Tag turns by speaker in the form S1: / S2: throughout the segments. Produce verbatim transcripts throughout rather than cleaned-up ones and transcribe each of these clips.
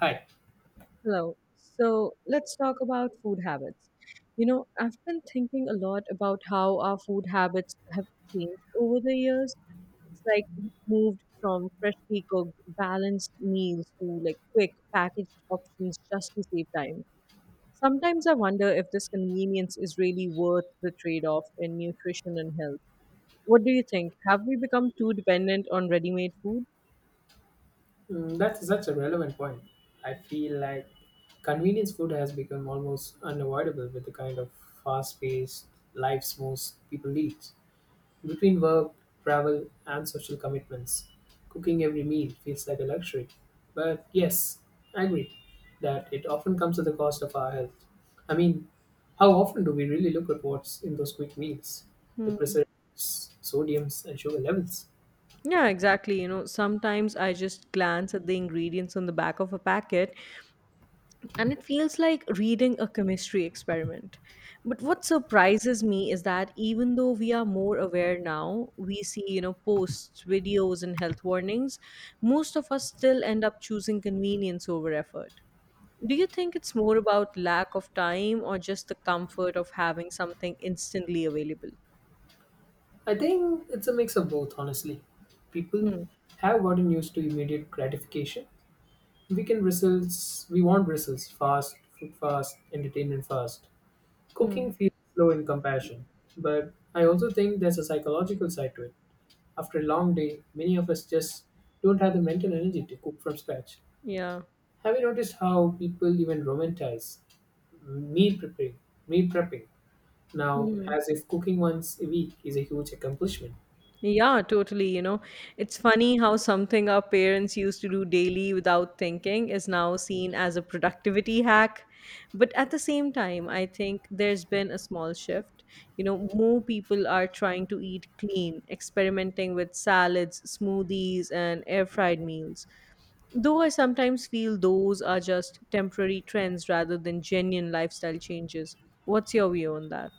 S1: Hi.
S2: Hello. So let's talk about food habits. You know, I've been thinking a lot about how our food habits have changed over the years. It's like we moved from freshly cooked, balanced meals to like quick packaged options just to save time. Sometimes I wonder if this convenience is really worth the trade-off in nutrition and health. What do you think? Have we become too dependent on ready-made food?
S1: Mm, that's such a relevant point. I feel like convenience food has become almost unavoidable with the kind of fast paced lives most people lead. Between work, travel, and social commitments, cooking every meal feels like a luxury. But yes, I agree that it often comes at the cost of our health. I mean, how often do we really look at what's in those quick meals? The preservatives, sodiums, and sugar levels.
S2: Yeah, exactly. You know, sometimes I just glance at the ingredients on the back of a packet and it feels like reading a chemistry experiment. But what surprises me is that even though we are more aware now, we see, you know, posts, videos, and health warnings, most of us still end up choosing convenience over effort. Do you think it's more about lack of time or just the comfort of having something instantly available?
S1: I think it's a mix of both, honestly. People
S2: Hmm.
S1: have gotten used to immediate gratification. We can results we want results fast, food fast, entertainment fast. Cooking
S2: Hmm.
S1: feels slow in comparison. But I also think there's a psychological side to it. After a long day, many of us just don't have the mental energy to cook from scratch.
S2: Yeah.
S1: Have you noticed how people even romanticize meal preparing meal prepping now,
S2: Hmm.
S1: as if cooking once a week is a huge accomplishment?
S2: Yeah, totally. You know, it's funny how something our parents used to do daily without thinking is now seen as a productivity hack. But at the same time, I think there's been a small shift. You know, more people are trying to eat clean, experimenting with salads, smoothies, and air fried meals. Though I sometimes feel those are just temporary trends rather than genuine lifestyle changes. What's your view on that?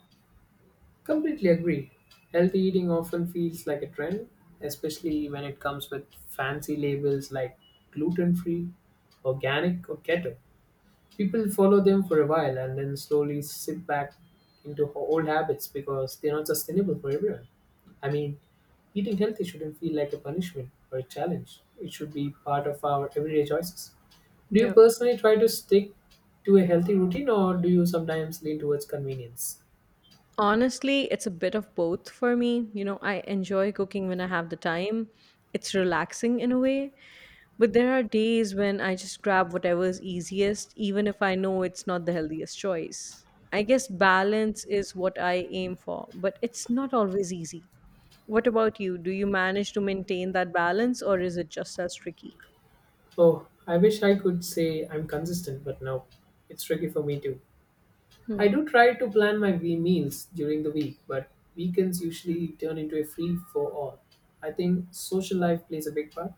S1: Completely agree. Healthy eating often feels like a trend, especially when it comes with fancy labels like gluten free, organic, or keto. People follow them for a while and then slowly slip back into ho- old habits because they're not sustainable for everyone. I mean, eating healthy shouldn't feel like a punishment or a challenge, it should be part of our everyday choices. Do you
S2: Yeah.
S1: personally try to stick to a healthy routine or do you sometimes lean towards convenience?
S2: Honestly, it's a bit of both for me. You know, I enjoy cooking when I have the time. It's relaxing in a way, but there are days when I just grab whatever is easiest, even if I know it's not the healthiest choice. I guess balance is what I aim for, but it's not always easy. What about you? Do you manage to maintain that balance or is it just as tricky?
S1: Oh, I wish I could say I'm consistent, but no, it's tricky for me too. I
S2: Hmm.
S1: do try to plan my wee meals during the week, but weekends usually turn into a free for all. I think social life plays a big part.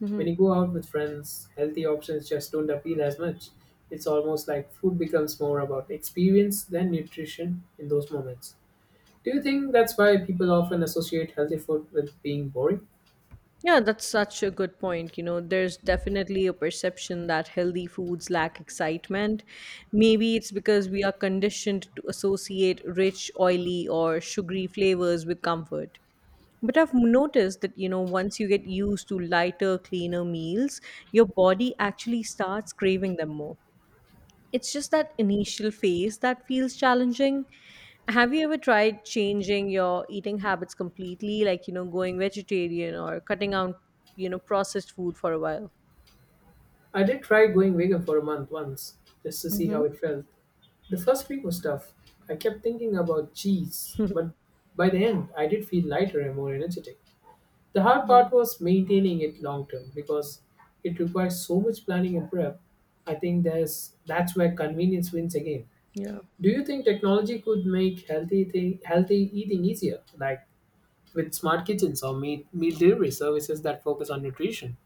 S2: Hmm.
S1: When you go out with friends, healthy options just don't appeal as much. It's almost like food becomes more about experience than nutrition in those moments. Do you think that's why people often associate healthy food with being boring?
S2: Yeah, that's such a good point. You know, there's definitely a perception that healthy foods lack excitement. Maybe it's because we are conditioned to associate rich, oily, or sugary flavors with comfort. But I've noticed that, you know, once you get used to lighter, cleaner meals, your body actually starts craving them more. It's just that initial phase that feels challenging. Have you ever tried changing your eating habits completely, like, you know, going vegetarian or cutting out, you know, processed food for a while?
S1: I did try going vegan for a month once, just to see how
S2: Mm-hmm.
S1: it felt. The first week was tough. I kept thinking about cheese, but by the end, I did feel lighter and more energetic. The hard part was maintaining it long term because it requires so much planning and prep. I think there's that's where convenience wins again.
S2: Yeah.
S1: Do you think technology could make healthy thing, healthy eating easier, like with smart kitchens or meal, meal delivery services that focus on nutrition?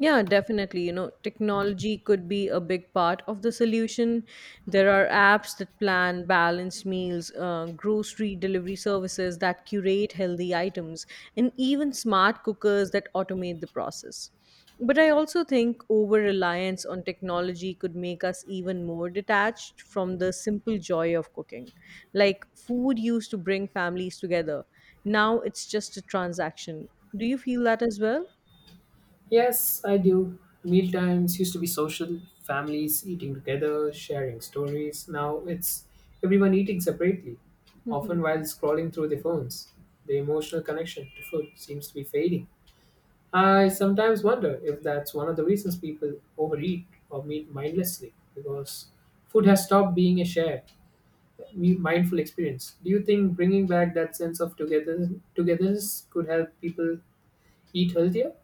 S2: Yeah, definitely. You know, technology could be a big part of the solution. There are apps that plan balanced meals, uh, grocery delivery services that curate healthy items, and even smart cookers that automate the process. But I also think over reliance on technology could make us even more detached from the simple joy of cooking. Like food used to bring families together. Now it's just a transaction. Do you feel that as well?
S1: Yes, I do. Meal times used to be social, families eating together, sharing stories. Now it's everyone eating separately,
S2: Mm-hmm.
S1: often while scrolling through their phones. The emotional connection to food seems to be fading. I sometimes wonder if that's one of the reasons people overeat or meet mindlessly because food has stopped being a shared, mi- mindful experience. Do you think bringing back that sense of togetherness, togetherness could help people eat healthier?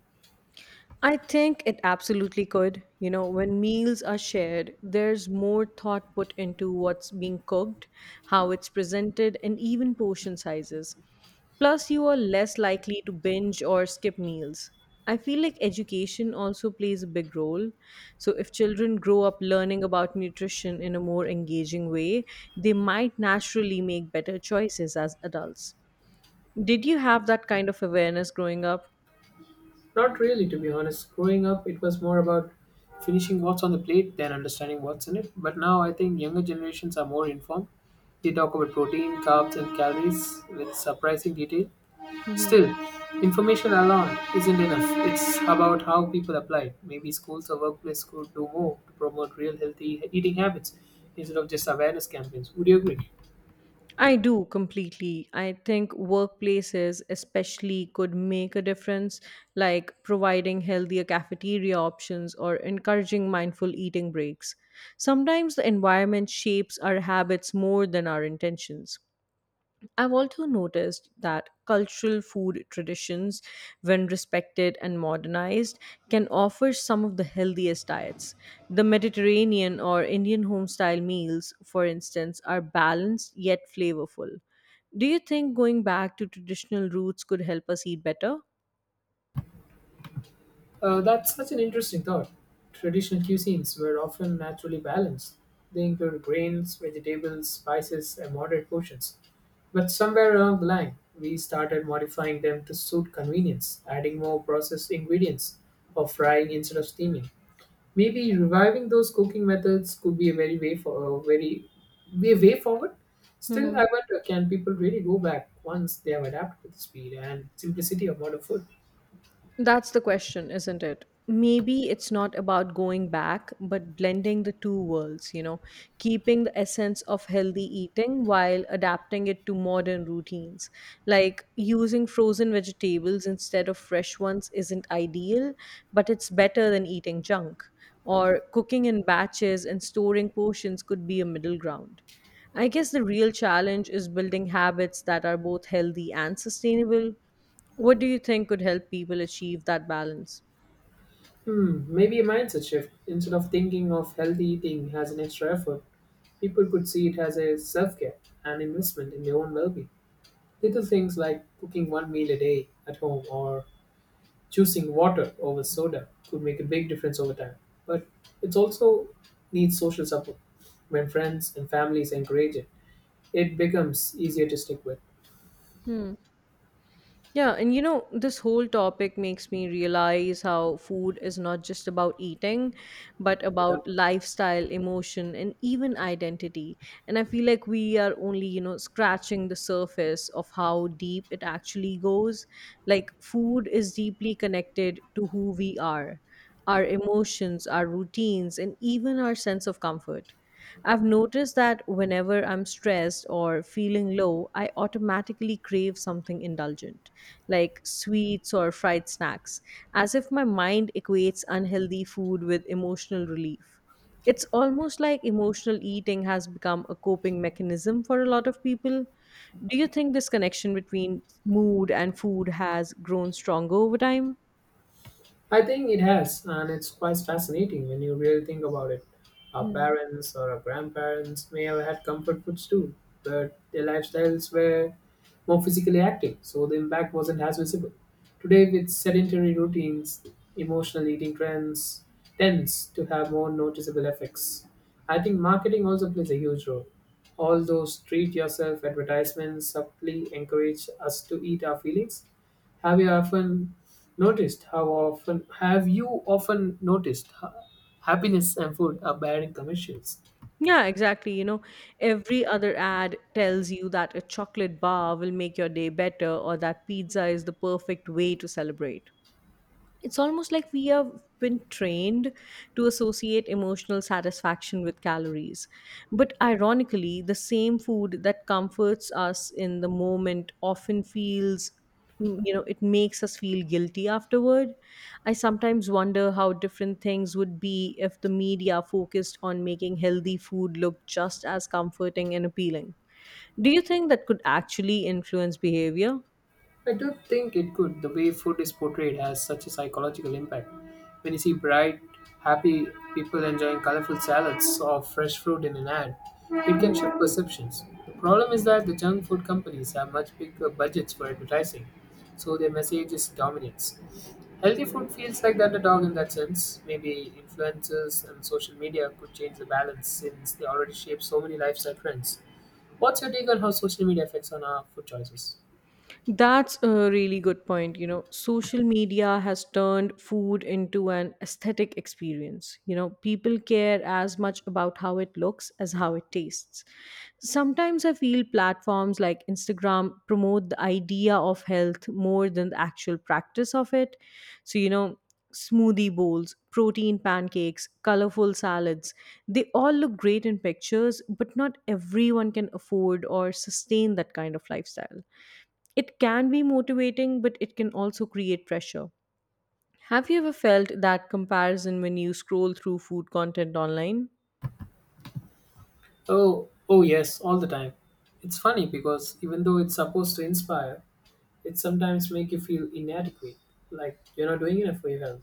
S2: I think it absolutely could. You know, when meals are shared, there's more thought put into what's being cooked, how it's presented, and even portion sizes. Plus, you are less likely to binge or skip meals. I feel like education also plays a big role. So, if children grow up learning about nutrition in a more engaging way, they might naturally make better choices as adults. Did you have that kind of awareness growing up?
S1: Not really, to be honest. Growing up, it was more about finishing what's on the plate than understanding what's in it. But now I think younger generations are more informed. They talk about protein, carbs, and calories with surprising detail.
S2: Hmm.
S1: Still, information alone isn't enough. It's about how people apply it. Maybe schools or workplace could do more to promote real healthy eating habits instead of just awareness campaigns. Would you agree?
S2: I do completely. I think workplaces, especially, could make a difference, like providing healthier cafeteria options or encouraging mindful eating breaks. Sometimes the environment shapes our habits more than our intentions. I've also noticed that cultural food traditions, when respected and modernized, can offer some of the healthiest diets. The Mediterranean or Indian home style meals, for instance, are balanced yet flavorful. Do you think going back to traditional roots could help us eat better?
S1: Uh, that's such an interesting thought. Traditional cuisines were often naturally balanced. They include grains, vegetables, spices, and moderate portions. But somewhere along the line, we started modifying them to suit convenience, adding more processed ingredients or frying instead of steaming. Maybe reviving those cooking methods could be a very way for a very be a way forward. Still,
S2: Hmm.
S1: I wonder, can people really go back once they have adapted to the speed and simplicity of modern food?
S2: That's the question, isn't it? Maybe it's not about going back, but blending the two worlds, you know, keeping the essence of healthy eating while adapting it to modern routines. Like using frozen vegetables instead of fresh ones isn't ideal, but it's better than eating junk. Or cooking in batches and storing portions could be a middle ground. I guess the real challenge is building habits that are both healthy and sustainable. What do you think could help people achieve that balance?
S1: Hmm, maybe a mindset shift. Instead of thinking of healthy eating as an extra effort, people could see it as a self care and investment in their own well being. Little things like cooking one meal a day at home or choosing water over soda could make a big difference over time. But it also needs social support. When friends and families encourage it, it becomes easier to stick with.
S2: Hmm. Yeah, and you know, this whole topic makes me realize how food is not just about eating, but about lifestyle, emotion, and even identity. And I feel like we are only, you know, scratching the surface of how deep it actually goes. Like, food is deeply connected to who we are, our emotions, our routines, and even our sense of comfort. I've noticed that whenever I'm stressed or feeling low, I automatically crave something indulgent like sweets or fried snacks, as if my mind equates unhealthy food with emotional relief. It's almost like emotional eating has become a coping mechanism for a lot of people. Do you think this connection between mood and food has grown stronger over time?
S1: I think it has, and it's quite fascinating when you really think about it. Our
S2: Hmm.
S1: parents or our grandparents may have had comfort foods too, but their lifestyles were more physically active, so the impact wasn't as visible. Today, with sedentary routines, emotional eating trends tends to have more noticeable effects. I think marketing also plays a huge role. All those treat yourself advertisements subtly encourage us to eat our feelings. have you often noticed how often have you often noticed how happiness and food are bearing commercials?
S2: Yeah, exactly. You know, every other ad tells you that a chocolate bar will make your day better or that pizza is the perfect way to celebrate. It's almost like we have been trained to associate emotional satisfaction with calories, but ironically the same food that comforts us in the moment often feels mm, you know, it makes us feel guilty afterward. I sometimes wonder how different things would be if the media focused on making healthy food look just as comforting and appealing. Do you think that could actually influence behavior?
S1: I don't think it could. The way food is portrayed has such a psychological impact. When you see bright, happy people enjoying colorful salads or fresh fruit in an ad, it can shift perceptions. The problem is that the junk food companies have much bigger budgets for advertising, so their message is dominance. Healthy food feels like that the dog in that sense. Maybe influences and social media could change the balance since they already shape so many lifestyle trends. What's your take on how social media affects on our food choices?
S2: That's a really good point. You know, social media has turned food into an aesthetic experience. You know, people care as much about how it looks as how it tastes. Sometimes I feel platforms like Instagram promote the idea of health more than the actual practice of it. So, you know, smoothie bowls, protein pancakes, colorful salads, they all look great in pictures, but not everyone can afford or sustain that kind of lifestyle. It can be motivating, but it can also create pressure. Have you ever felt that comparison when you scroll through food content online?
S1: Oh, oh yes, all the time. It's funny because even though it's supposed to inspire, it sometimes make you feel inadequate, like you're not doing enough for your health.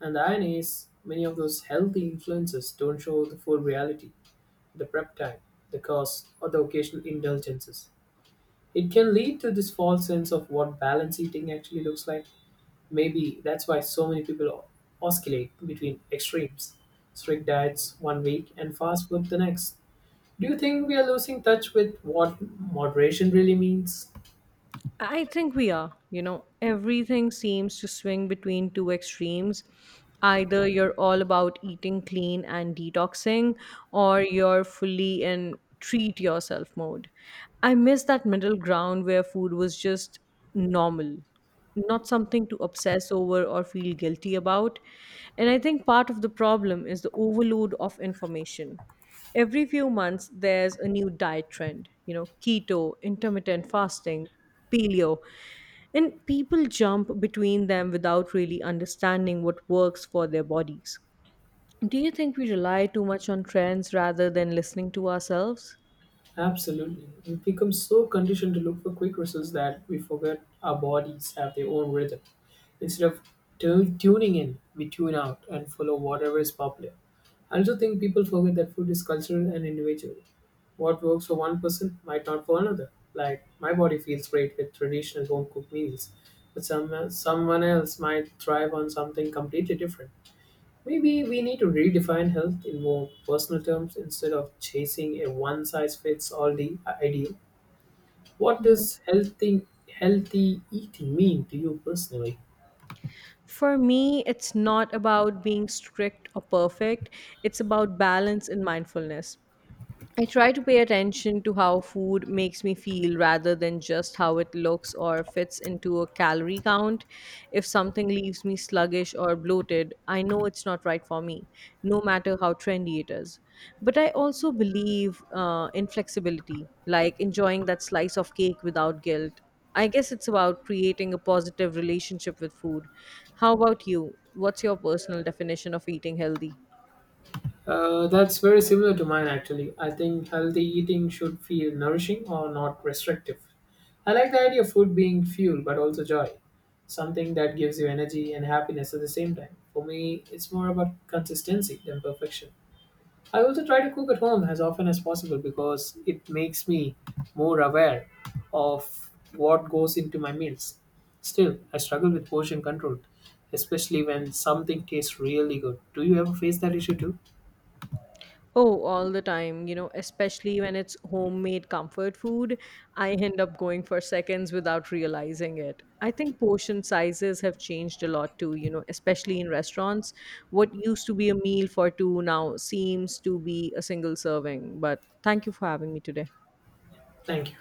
S1: And the irony is, many of those healthy influences don't show the full reality, the prep time, the cost, or the occasional indulgences. It can lead to this false sense of what balanced eating actually looks like. Maybe that's why so many people oscillate between extremes, strict diets one week and fast food the next. Do you think we are losing touch with what moderation really means?
S2: I think we are. You know, everything seems to swing between two extremes. Either you're all about eating clean and detoxing, or you're fully in treat yourself mode. I miss that middle ground where food was just normal, not something to obsess over or feel guilty about. And I think part of the problem is the overload of information. Every few months there's a new diet trend, you know, keto, intermittent fasting, paleo, and people jump between them without really understanding what works for their bodies. Do you think we rely too much on trends rather than listening to ourselves?
S1: Absolutely. We've become so conditioned to look for quick results that we forget our bodies have their own rhythm. Instead of tu- tuning in, we tune out and follow whatever is popular. I also think people forget that food is cultural and individual. What works for one person might not for another. Like my body feels great with traditional home cooked meals, but some someone else might thrive on something completely different. Maybe we need to redefine health in more personal terms instead of chasing a one size fits all the ideal. What does healthy healthy eating mean to you personally?
S2: For me it's not about being strict or perfect, it's about balance and mindfulness. I try to pay attention to how food makes me feel rather than just how it looks or fits into a calorie count. If something leaves me sluggish or bloated, I know it's not right for me, no matter how trendy it is. But I also believe uh, in flexibility, like enjoying that slice of cake without guilt. I guess it's about creating a positive relationship with food. How about you? What's your personal definition of eating healthy?
S1: Uh, that's very similar to mine actually. I think healthy eating should feel nourishing or not restrictive. I like the idea of food being fuel but also joy, something that gives you energy and happiness at the same time. For me, it's more about consistency than perfection. I also try to cook at home as often as possible because it makes me more aware of what goes into my meals. Still, I struggle with portion control, especially when something tastes really good. Do you ever face that issue too?
S2: Oh, all the time, you know, especially when it's homemade comfort food, I end up going for seconds without realizing it. I think portion sizes have changed a lot too, you know, especially in restaurants. What used to be a meal for two now seems to be a single serving. But thank you for having me today.
S1: Thank you.